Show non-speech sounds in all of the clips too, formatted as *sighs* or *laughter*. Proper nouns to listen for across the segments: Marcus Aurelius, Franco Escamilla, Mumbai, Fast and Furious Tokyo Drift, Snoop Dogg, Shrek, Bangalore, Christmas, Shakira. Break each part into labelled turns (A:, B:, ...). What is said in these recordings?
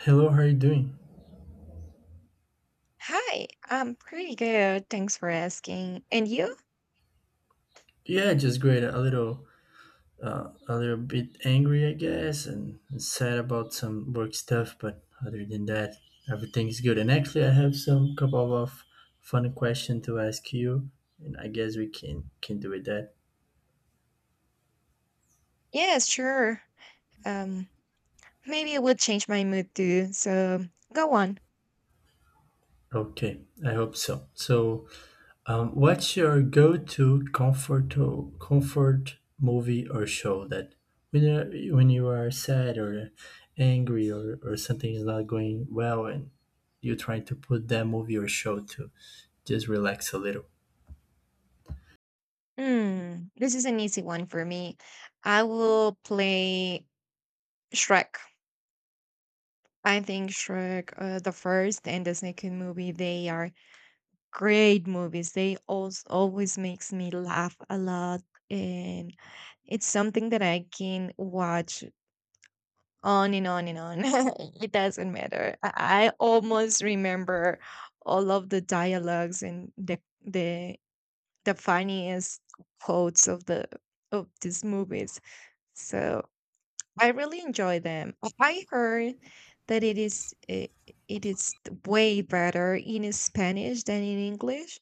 A: Hello, how are you doing?
B: Hi, I'm pretty good. Thanks for asking. And you?
A: Yeah, just great. A little bit angry, I guess, and sad about some work stuff. But other than that, everything's good. And actually, I have some couple of fun question to ask you, and I guess we can do with that.
B: Yes, sure. Um, maybe it would change my mood too. So go on.
A: Okay, I hope so. So, what's your go-to comfort movie or show that when you are sad or angry or something is not going well and you're trying to put that movie or show to just relax a little?
B: This is an easy one for me. I will play Shrek. I think Shrek, the first and the second movie, they are great movies. They always makes me laugh a lot, and it's something that I can watch on and on and on. *laughs* It doesn't matter. I almost remember all of the dialogues and the the the funniest quotes of the of these movies. So I really enjoy them. I heard that it is way better in Spanish than in English.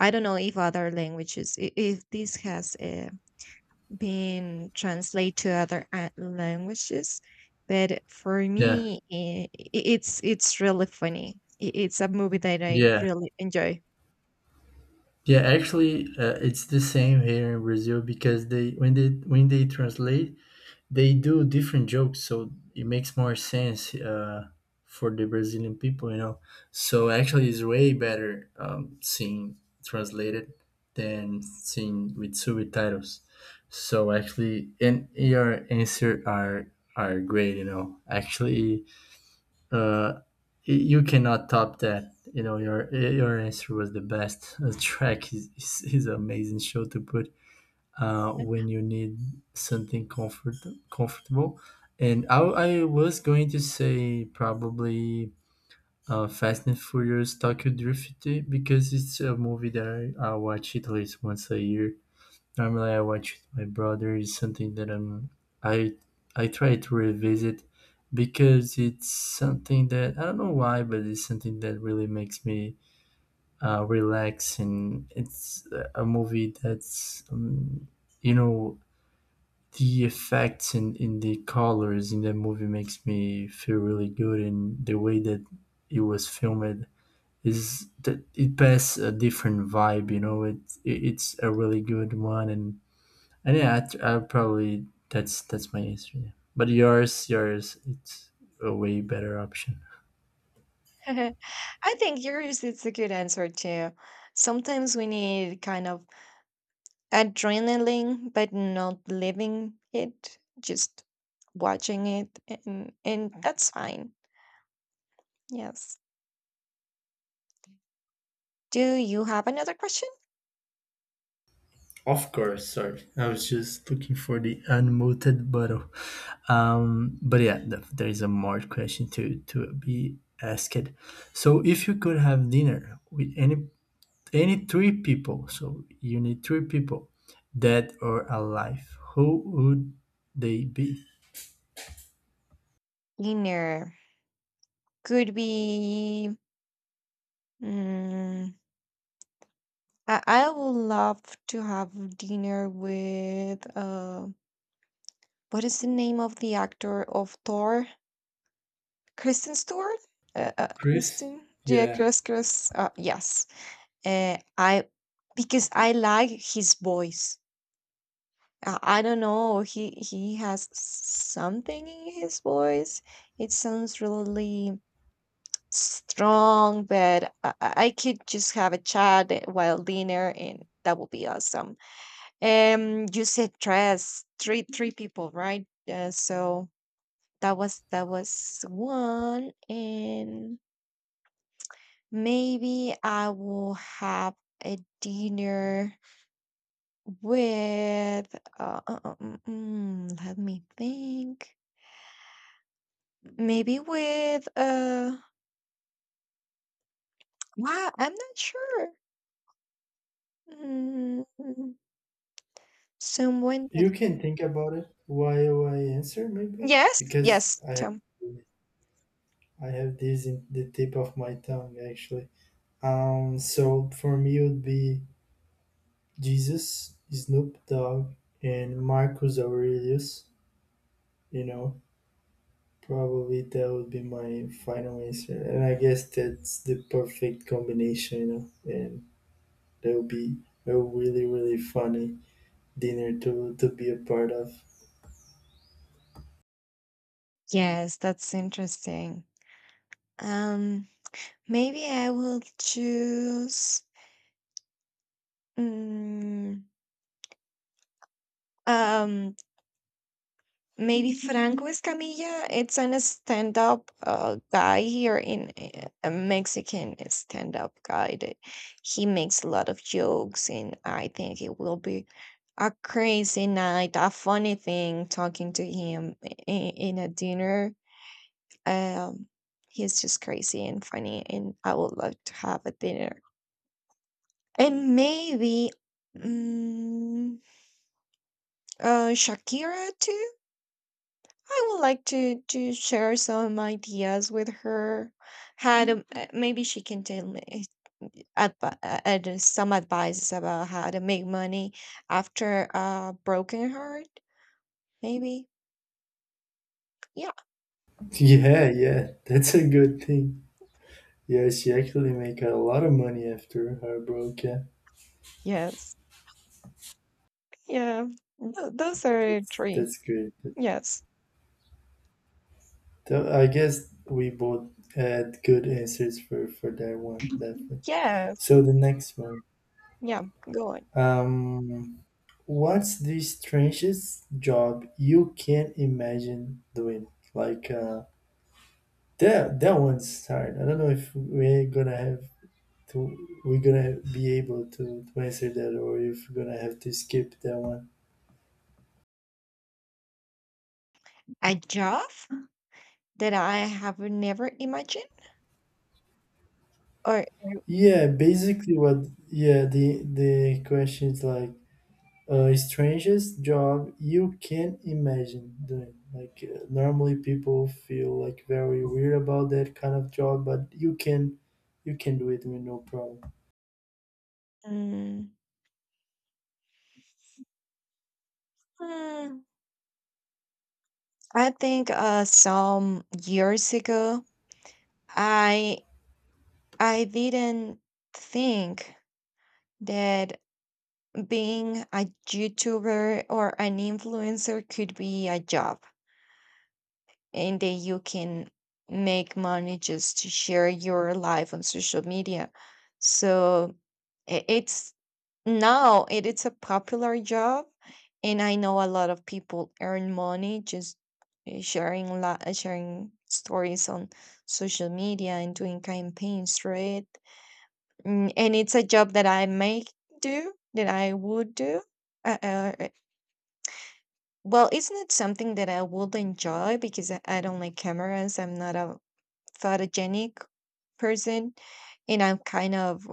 B: I don't know if other languages if this has a been translated to other languages. But for
A: Yeah,
B: me, it's really funny. It's a movie that I
A: yeah,
B: really enjoy.
A: yeah. Actually, it's the same here in Brazil because they when they when they translate, they do different jokes, so it makes more sense, for the brazilian people, so actually it's way better, seeing translated than seeing with subtitles. So actually, and your answer are great, you know actually uh, you cannot top that, your answer was the best. *laughs* Track is amazing show to put, when you need something comfortable. And I was going to say probably, Fast and Furious Tokyo Drift, because it's a movie that I watch at least once a year. Normally, I watch it with my brother. It's something that I I try to revisit because it's something that I don't know why, but it's something that really makes me, relax, and it's a movie that's, you know the effects in the colors in that movie makes me feel really good, and the way that it was filmed is that it passes a different vibe, it's a really good one. And yeah, I probably that's my answer, yeah. But yours, it's a way better option.
B: *laughs* I think yours is a good answer too. Sometimes we need kind of adrenaline, but not living it, just watching it, and that's fine. Yes. Do you have another question?
A: Of course, sorry. I was just looking for the unmuted button. But yeah, there is a more question to be asked. So if you could have dinner with any three people, so you need three people, dead or alive, who would they be?
B: Dinner could be. mm, I would love to have dinner with what is the name of the actor of Thor? Kristen Stewart?
A: Chris?
B: Kristen? Yeah,
A: Yeah.
B: Chris. Yes. I because I like his voice. I don't know. He has something in his voice. It sounds really strong, but I could just have a chat while dinner, and that would be awesome. You said dress three people, right? So that was one, and maybe I will have a dinner with Let me think. Maybe with. Wow, I'm not sure. Mm, Someone that.
A: You can think about it while I answer, maybe,
B: Yes,
A: because
B: yes,
A: I
B: Tom.
A: I have this in the tip of my tongue, actually. So for me, it would be Jesus, Snoop Dogg, and Marcus Aurelius. You know, probably that would be my final answer, and I guess that's the perfect combination. You know, and that would be a really really funny dinner to be a part of.
B: Yes, that's interesting. Um. Maybe I will choose mm, um maybe Franco Escamilla. It's an stand-up guy here in a Mexican stand-up guy that he makes a lot of jokes, and I think it will be a crazy night, a funny thing talking to him in a dinner. Um, he's just crazy and funny, and I would love to have a dinner. And maybe, mm Shakira too? I would like to share some ideas with her. How to Mhm. Maybe she can tell me some advice about how to make money after a broken heart. Maybe. Yeah.
A: *laughs* Yeah, yeah, that's a good thing. Yeah, she actually make a lot of money after her broke. Yeah,
B: Yes. Yeah. Those are
A: that's
B: three.
A: that's great.
B: Yes.
A: So I guess we both had good answers for that one, definitely.
B: Yes.
A: So the next one,
B: Yeah. Go on.
A: um, what's the strangest job you can't imagine doing? Like, that one's hard. I don't know if to we're gonna be able to answer that, or if we're gonna have to skip that one.
B: A job that I have never imagined, or
A: Yeah, basically, what, yeah, the question is like, strangest job you can imagine doing. Like, normally people feel like very weird about that kind of job, but you can do it with no problem.
B: mm, hmm, I think some years ago, I I didn't think that being a YouTuber or an influencer could be a job. And then you can make money just to share your life on social media. So I- it's now it's a popular job, and I know a lot of people earn money just sharing stories on social media and doing campaigns, right? And it's a job that I may do, that I would do. Uh, uh, uh, well, it's not something that I would enjoy because I don't like cameras. I'm not a photogenic person, and I'm kind of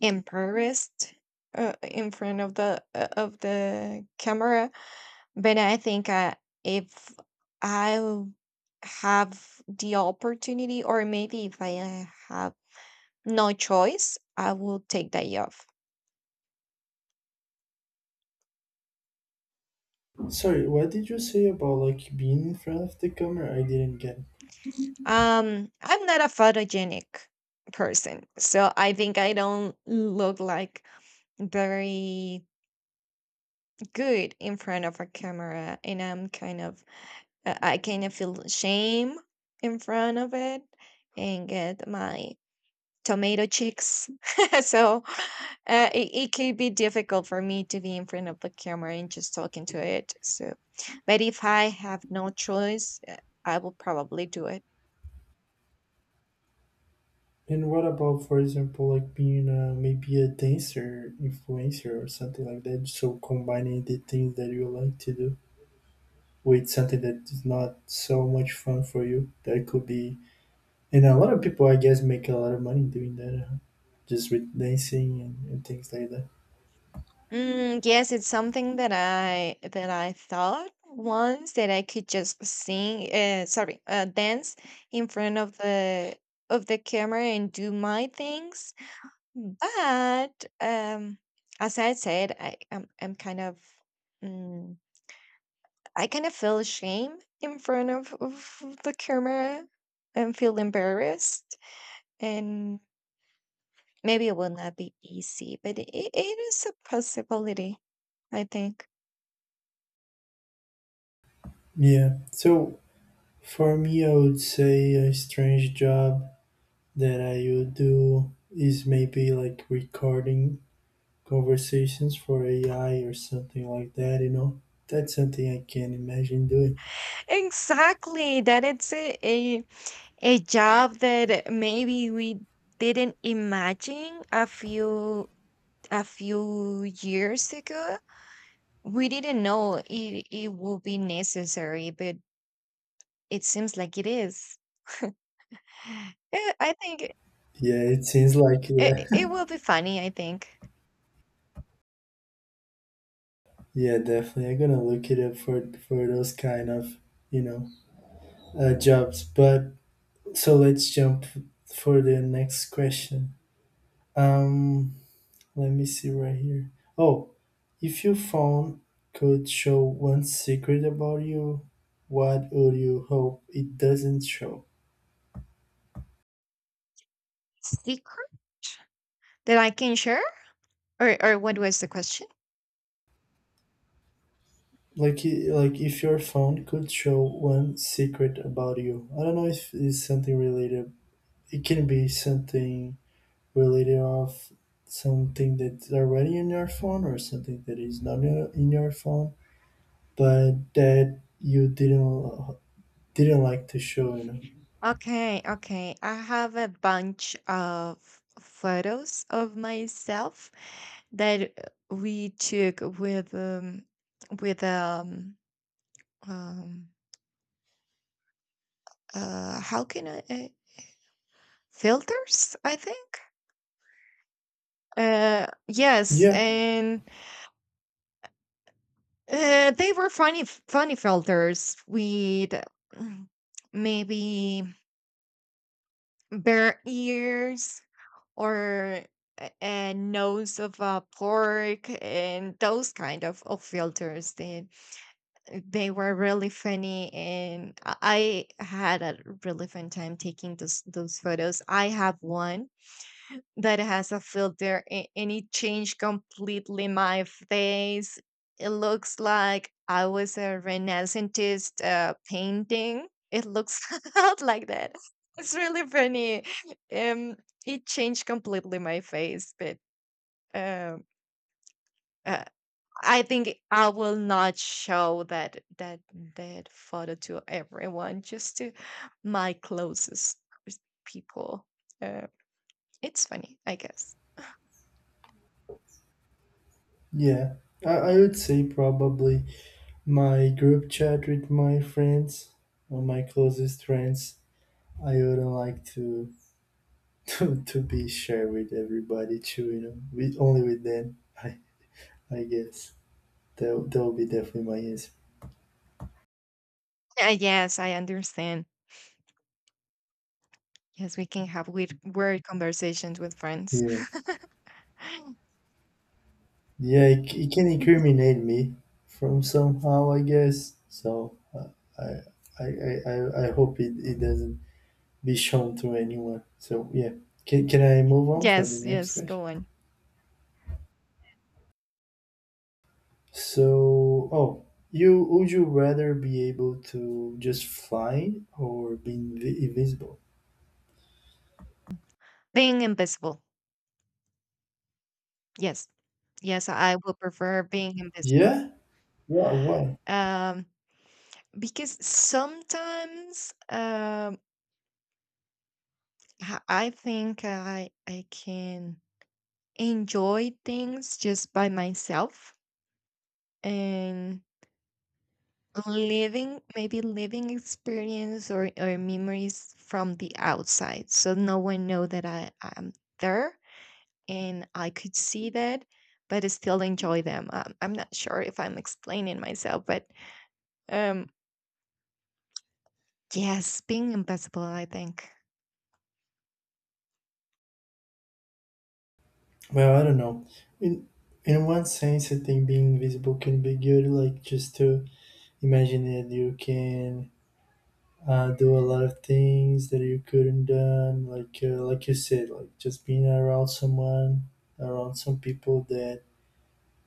B: embarrassed, in front of the camera but I think if I have the opportunity, or maybe if I have no choice, I will take that off.
A: Sorry, what did you say about like being in front of the camera? I didn't get it.
B: I'm not a photogenic person, so I think I don't look like very good in front of a camera, and I kind of feel shame in front of it and get my tomato cheeks. *laughs* so it could be difficult for me to be in front of the camera and just talking to it. But if I have no choice, I will probably do it.
A: And what about, for example, like being, maybe a dancer influencer or something like that? So combining the things that you like to do with something that is not so much fun for you, that could be. And a lot of people, I guess, make a lot of money doing that, just with dancing and things like that.
B: Mm, yes, it's something that I thought once that I could just sing, sorry, dance in front of the camera and do my things. Hmm. But, as I said, I'm kind of mm, I kind of feel shame in front of the camera and feel embarrassed, and maybe it will not be easy, but it is a possibility, I think.
A: Yeah. So for me, I would say a strange job that I would do is maybe like recording conversations for AI or something like that, you know? That's something I can imagine doing.
B: Exactly, that it's a job that maybe we didn't imagine a few years ago. We didn't know it would be necessary, but it seems like it is. *laughs* I think it,
A: Yeah, it seems like, yeah. *laughs*
B: it will be funny, I think.
A: Yeah, definitely. I'm gonna look it up for those kind of, you know, jobs. But so let's jump for the next question. Um, Let me see right here. Oh, if your phone could show one secret about you, what would you hope it doesn't show?
B: Secret that I can share? Or what was the question?
A: Like, like, if your phone could show one secret about you. I don't know if it's something related. It can be something related of something that's already in your phone, or something that is not in your phone, but that you didn't like to show. You know?
B: Okay, okay. I have a bunch of photos of myself that we took with with um um how can I filters, I think. Yes,
A: Yeah.
B: and they were funny, funny filters with mm, maybe bear ears or a nose of a pork and those kind of filters. They were really funny, and I had a really fun time taking those photos. I have one that has a filter and it changed completely my face. It looks like I was a Renaissance painting. It looks *laughs* out like that. It's really funny. Um, it changed completely my face, but um, uh, I think I will not show that photo to everyone, just to my closest people. Um, it's funny, I guess. *sighs*
A: Yeah, I would say probably my group chat with my friends, or my closest friends. I wouldn't like to *laughs* to be shared with everybody too, you know, only with them. *laughs* I guess that would be definitely my answer.
B: Yes, I understand. Yes, we can have weird, weird conversations with friends.
A: Yeah,
B: *laughs*
A: yeah, it, it can incriminate me from somehow, I guess. So, I, I hope it doesn't be shown to anyone. So yeah, can I move on for the
B: Yes,
A: next
B: yes,
A: question?
B: go on.
A: So, oh, you would you rather be able to just fly or be invisible?
B: Being invisible. Yes, yes, I will prefer being invisible.
A: Yeah? Why? Why?
B: Um, because sometimes, I think I can enjoy things just by myself and living, maybe living experience, or memories from the outside, so no one know that I am there, and I could see that, but I still enjoy them. I'm not sure if I'm explaining myself, but um yes, being invisible, I think.
A: Well, I don't know. In in one sense, I think being invisible can be good. Like, just to imagine that you can, do a lot of things that you couldn't done. Like, like you said, like just being around someone, around some people that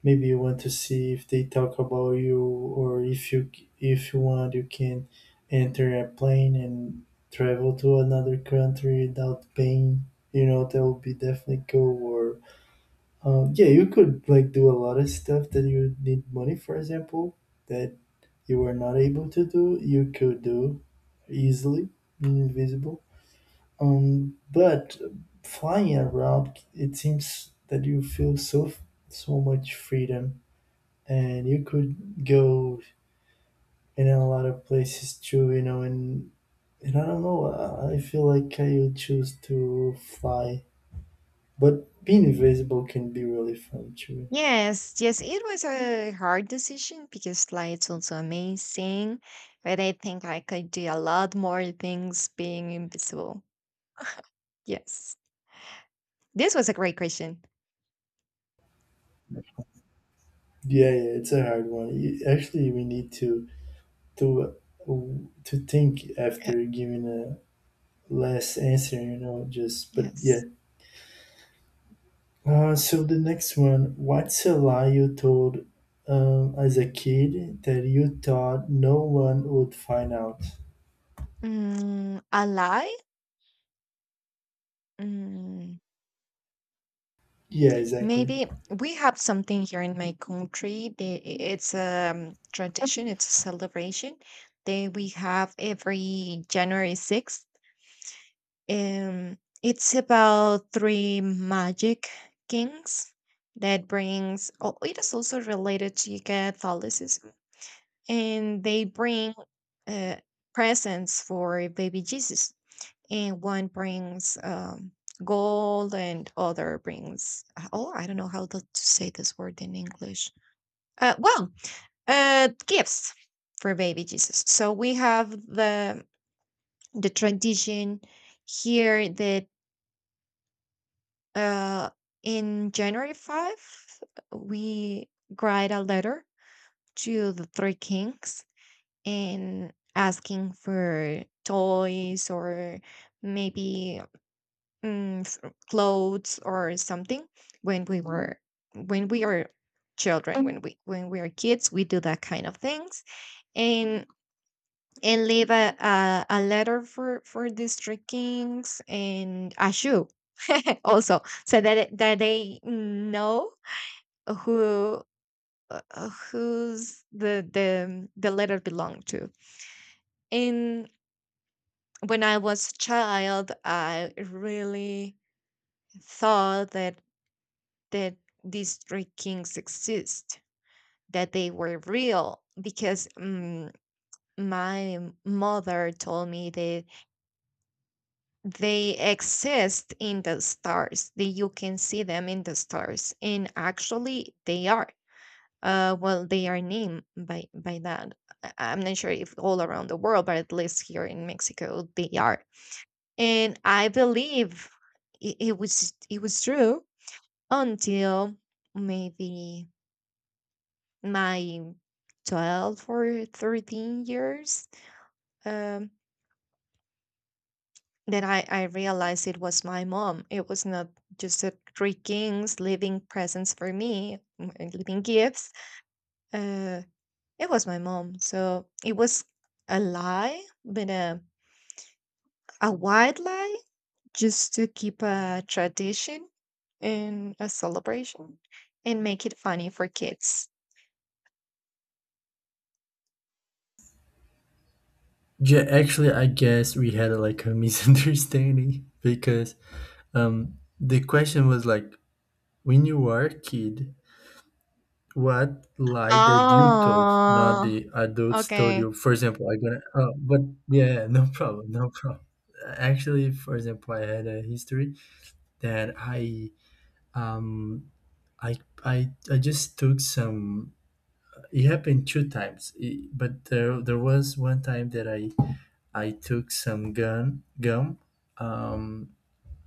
A: maybe you want to see if they talk about you, or if you want, you can enter a plane and travel to another country without paying. You know, that would be definitely cool. Or, yeah, you could like do a lot of stuff that you need money for example, that you were not able to do, you could do easily invisible. But flying around, it seems that you feel so much freedom, and you could go in a lot of places too, you know. And I don't know, I feel like I would choose to fly, but being invisible can be really fun too.
B: Yes, yes, it was a hard decision because light's also amazing, but I think I could do a lot more things being invisible. Yes, this was a great question.
A: Yeah, yeah, it's a hard one. You, actually, we need to to think
B: Uh,
A: after giving a last answer, you know. Just, but yeah,
B: Yes.
A: so the next one, what's a lie you told, as a kid that you thought no one would find out?
B: A lie? Mm,
A: Yeah, exactly.
B: Maybe we have something here in my country. It's a tradition, it's a celebration that we have every January 6th. It's about three magic kings that brings. Oh, it is also related to Catholicism, and they bring uh, presents for baby Jesus. And one brings gold, and other brings. Oh, I don't know how to say this word in English. Well, gifts for baby Jesus. So we have the tradition here that, Uh, in January 5th, we write a letter to the three kings and asking for toys, or maybe mm, s- clothes, or something. when we were when we are children, when we are kids, we do that kind of things, and leave a letter for these three kings, and a shoe *laughs* also, so that that they know who, who's the letter belong to. And when I was a child, I really thought that these three kings exist, that they were real, because my mother told me that they exist in the stars, that you can see them in the stars, and actually they are. Well, they are named by that. I'm not sure if all around the world, but at least here in Mexico, they are. And I believe it was true until maybe my 12 or 13 years, um, that I realized it was my mom. It was not just a three kings leaving presents for me, leaving gifts. Uh, It was my mom, so it was a lie, but a white lie, just to keep a tradition and a celebration, and make it funny for kids.
A: Yeah, actually, I guess we had like a *laughs* misunderstanding because, the question was like, when you were a kid, what lie that you told, not
B: Oh,
A: the adults told
B: okay.
A: you. For example, I gonna, oh, but yeah, *laughs* no problem, no problem. Actually, for example, I had a history that um I I just took some. It happened two times, it, but there was one time that I took some gum, um,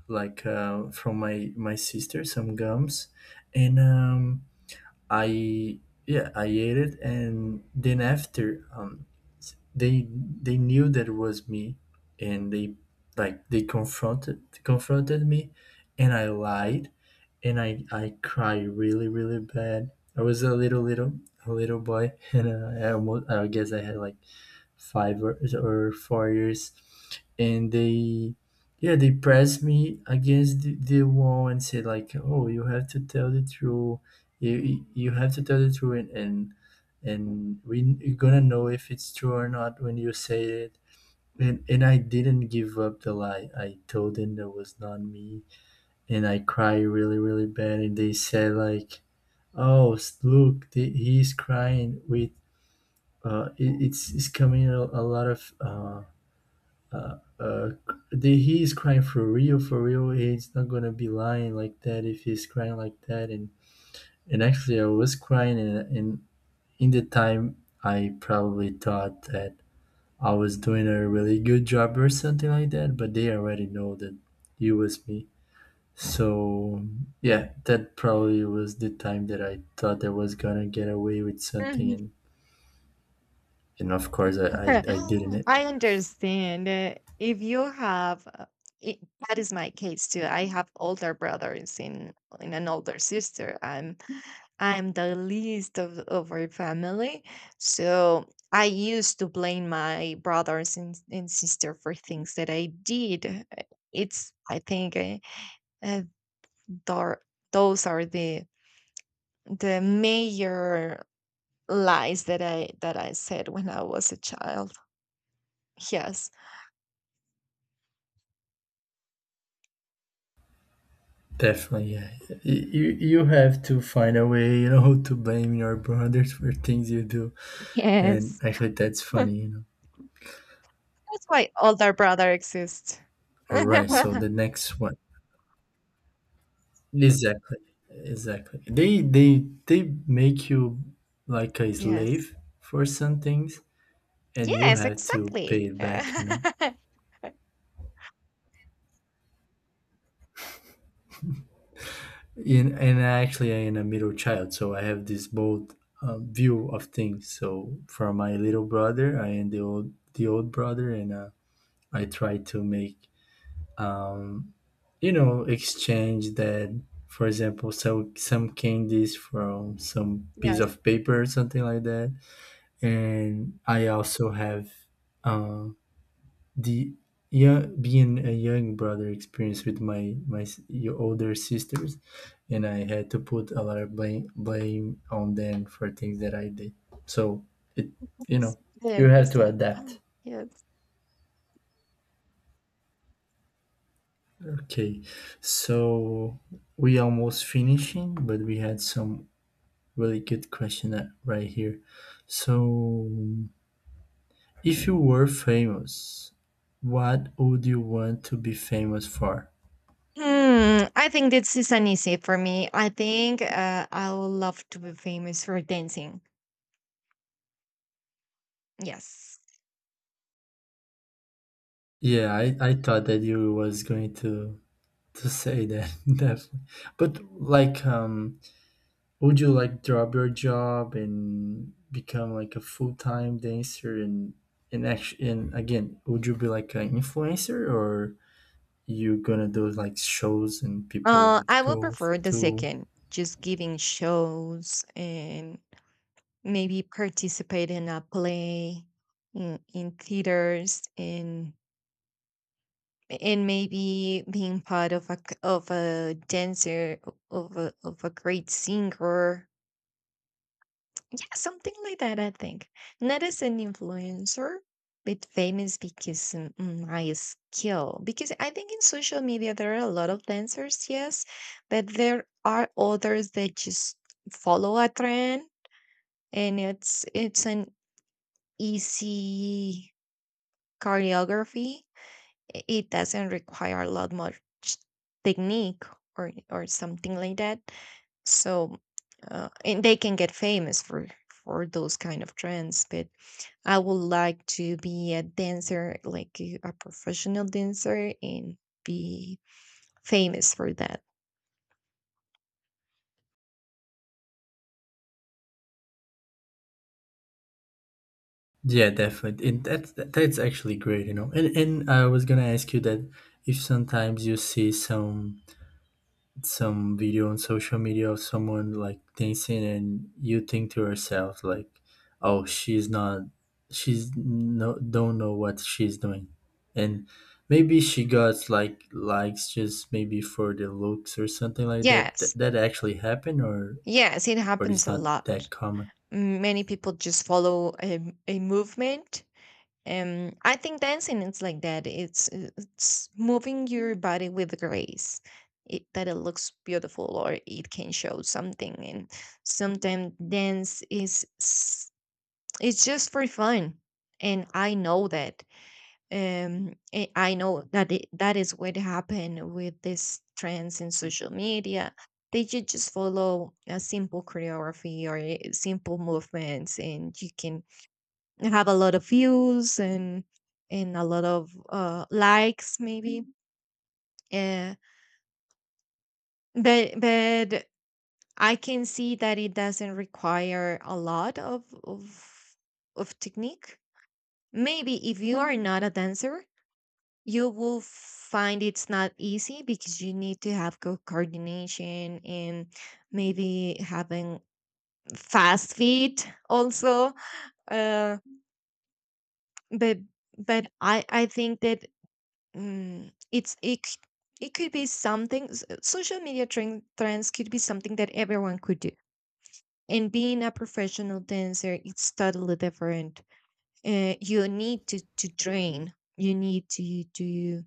A: like, from my sister, some gums, and, I yeah, I ate it, and then after, they knew that it was me, and they like they confronted me, and I lied, and I cried really really bad. I was a little boy, *laughs* and, I guess I had like 5 or 4 years, and they pressed me against the wall, and said like, oh, you have to tell the truth. You have to tell the truth, and you're gonna know if it's true or not when you say it. And I didn't give up the lie. I told them that was not me, and I cried really really bad, and they said like, oh, look, he's crying with, it's coming a lot of, uh, uh, he is crying for real, for real. He's not gonna be lying like that if he's crying like that. And actually, I was crying, and, in the time, I probably thought that I was doing a really good job or something like that. But they already know that it was me. So yeah, that probably was the time that I thought I was gonna get away with something,
B: Mhm.
A: and of course, I
B: *laughs*
A: didn't.
B: I understand. If you have, it, that is my case too. I have older brothers and an older sister. I'm the least of our family. So I used to blame my brothers and sister for things that I did. It's, I think, uh, thar- those are the major lies that I said when I was a child. Yes.
A: Definitely, yeah. Y- You you have to find a way, you know, *laughs* to blame your brothers for things you do, and
B: Yes.
A: actually, that's
B: *laughs* That's
A: funny, you know.
B: why older brother exists. *laughs*
A: All right, so the next one, exactly, exactly. They make you like a
B: Yes.
A: slave for some things, and you
B: Yes,
A: have to
B: exactly.
A: pay it back, you know.
B: *laughs*
A: In, and actually, I am a middle child, so I have this both, view of things. So for my little brother, I am the old brother, and, I try to make, um, exchange that, for example, so some candies from some piece
B: Yes.
A: of paper or something like that. And I also have, um, the yeah, being a young brother experience with your older sisters, and I had to put a lot of blame on them for things that I did. So it you know you
B: Understand,
A: have to
B: understand.
A: adapt.
B: *gasps* Yes.
A: Okay, so we almost finishing, but we had some really good question, right here. So, if you were famous, what would you want to be famous for?
B: I think this is an easy for me. I think, I would love to be famous for dancing. Yes.
A: Yeah, I thought that you was going to say that. *laughs* Definitely. But like, would you like drop your job and become like a full time dancer and action? And again, would you be like an influencer, or you gonna do like shows and people would
B: I will
A: go
B: prefer the
A: to?
B: second, just giving shows and maybe participate in a play in theaters, and maybe being part of of a dancer of a great singer. Yeah, something like that, I think. Not as an influencer, but famous because, my skill. Because I think in social media there are a lot of dancers, yes, but there are others that just follow a trend, and it's an easy choreography, it doesn't require a lot much technique, or something like that. So and they can get famous for those kind of trends, but I would like to be a dancer, like a professional dancer, and be famous for that.
A: Yeah, definitely. And that's actually great, you know. And I was gonna ask you that, if sometimes you see some video on social media of someone like dancing, and you think to yourself like, oh, she's not, she's no don't know what she's doing, and maybe she got like likes just maybe for the looks or something like that.
B: Yes,
A: That actually happened,
B: yes, it
A: or
B: happens
A: it's
B: a
A: not
B: lot.
A: that common.
B: Many people just follow a movement. I think dancing is like that. It's moving your body with grace. That it looks beautiful, or it can show something. And sometimes dance it's just for fun. And I know that. I know that that is what happened with these trends in social media. They should just follow a simple choreography or a simple movements, and you can have a lot of views and a lot of likes maybe uh, but I can see that it doesn't require a lot of technique. Maybe if you are not a dancer, you will find it's not easy because you need to have good coordination, and maybe having fast feet also, uh, but but I think that Mm, it's it, c- it could be something social media trend, trends could be something that everyone could do, and being a professional dancer, it's totally different. You need to train. You need to to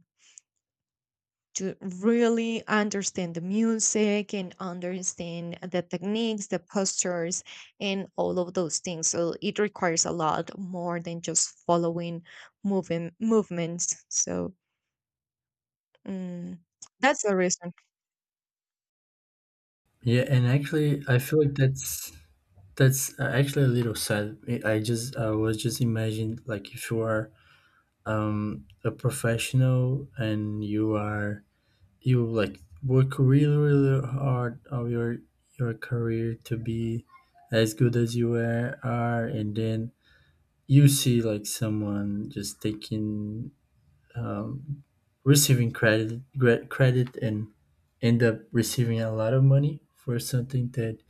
B: to really understand the music and understand the techniques, the postures, and all of those things, so it requires a lot more than just following moving movements. So mm, that's the reason.
A: Yeah, and actually, I feel like that's, actually a little sad. I just, I was just imagined like, if you are, a professional, and you are, you like, work really really hard of your career to be as good as you are, and then you see like someone just taking, um, receiving credit, credit, and end up receiving a lot of money for something that,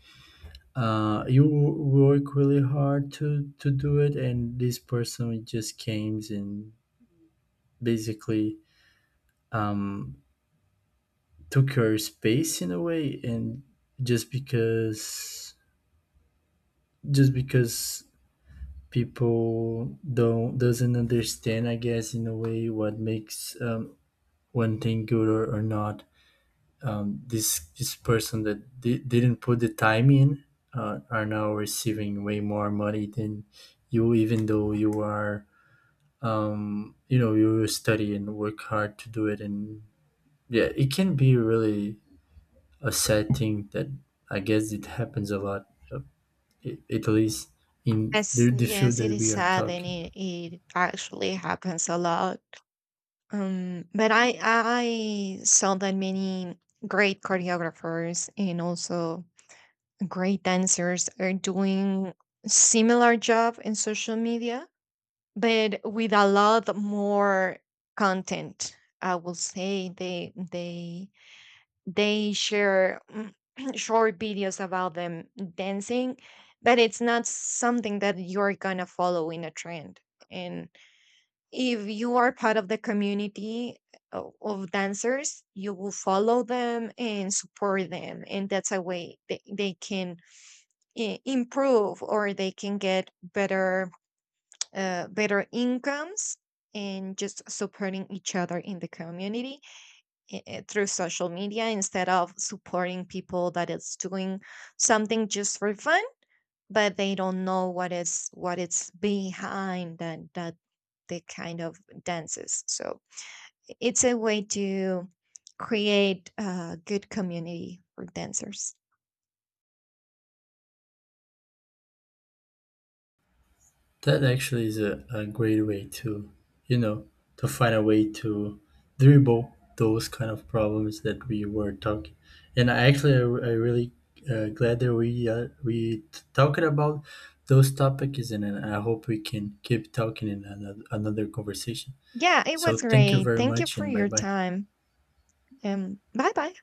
A: you work really hard to do it, and this person just came and basically, um, took your space in a way, and just because, just because people don't doesn't understand, I guess, in a way what makes, one thing good or not. This person that didn't put the time in, are now receiving way more money than you, even though you are, you study and work hard to do it. And yeah, it can be really a sad thing that I guess it happens a lot, at least in
B: Yes,
A: the field
B: yes, it
A: that
B: is
A: we are
B: sad, and
A: talking.
B: it actually happens a lot. But I saw that many great choreographers, and also great dancers, are doing similar job in social media, but with a lot more content. I will say they share *clears throat* short videos about them dancing, but it's not something that you're gonna follow in a trend. And if you are part of the community of dancers, you will follow them and support them. And that's a way they can improve, or they can get better, better incomes, and just supporting each other in the community, through social media, instead of supporting people that is doing something just for fun, but they don't know what is what it's behind that the kind of dances. So it's a way to create a good community for dancers.
A: That actually is a great way to, you know, to find a way to dribble those kind of problems that we were talking. And I actually, I really, glad that we, talking about those topics, and I hope we can keep talking in another, another conversation.
B: Yeah, it was
A: So thank you
B: great.
A: very
B: Thank you
A: much,
B: for
A: and bye
B: your
A: bye.
B: time. Bye bye.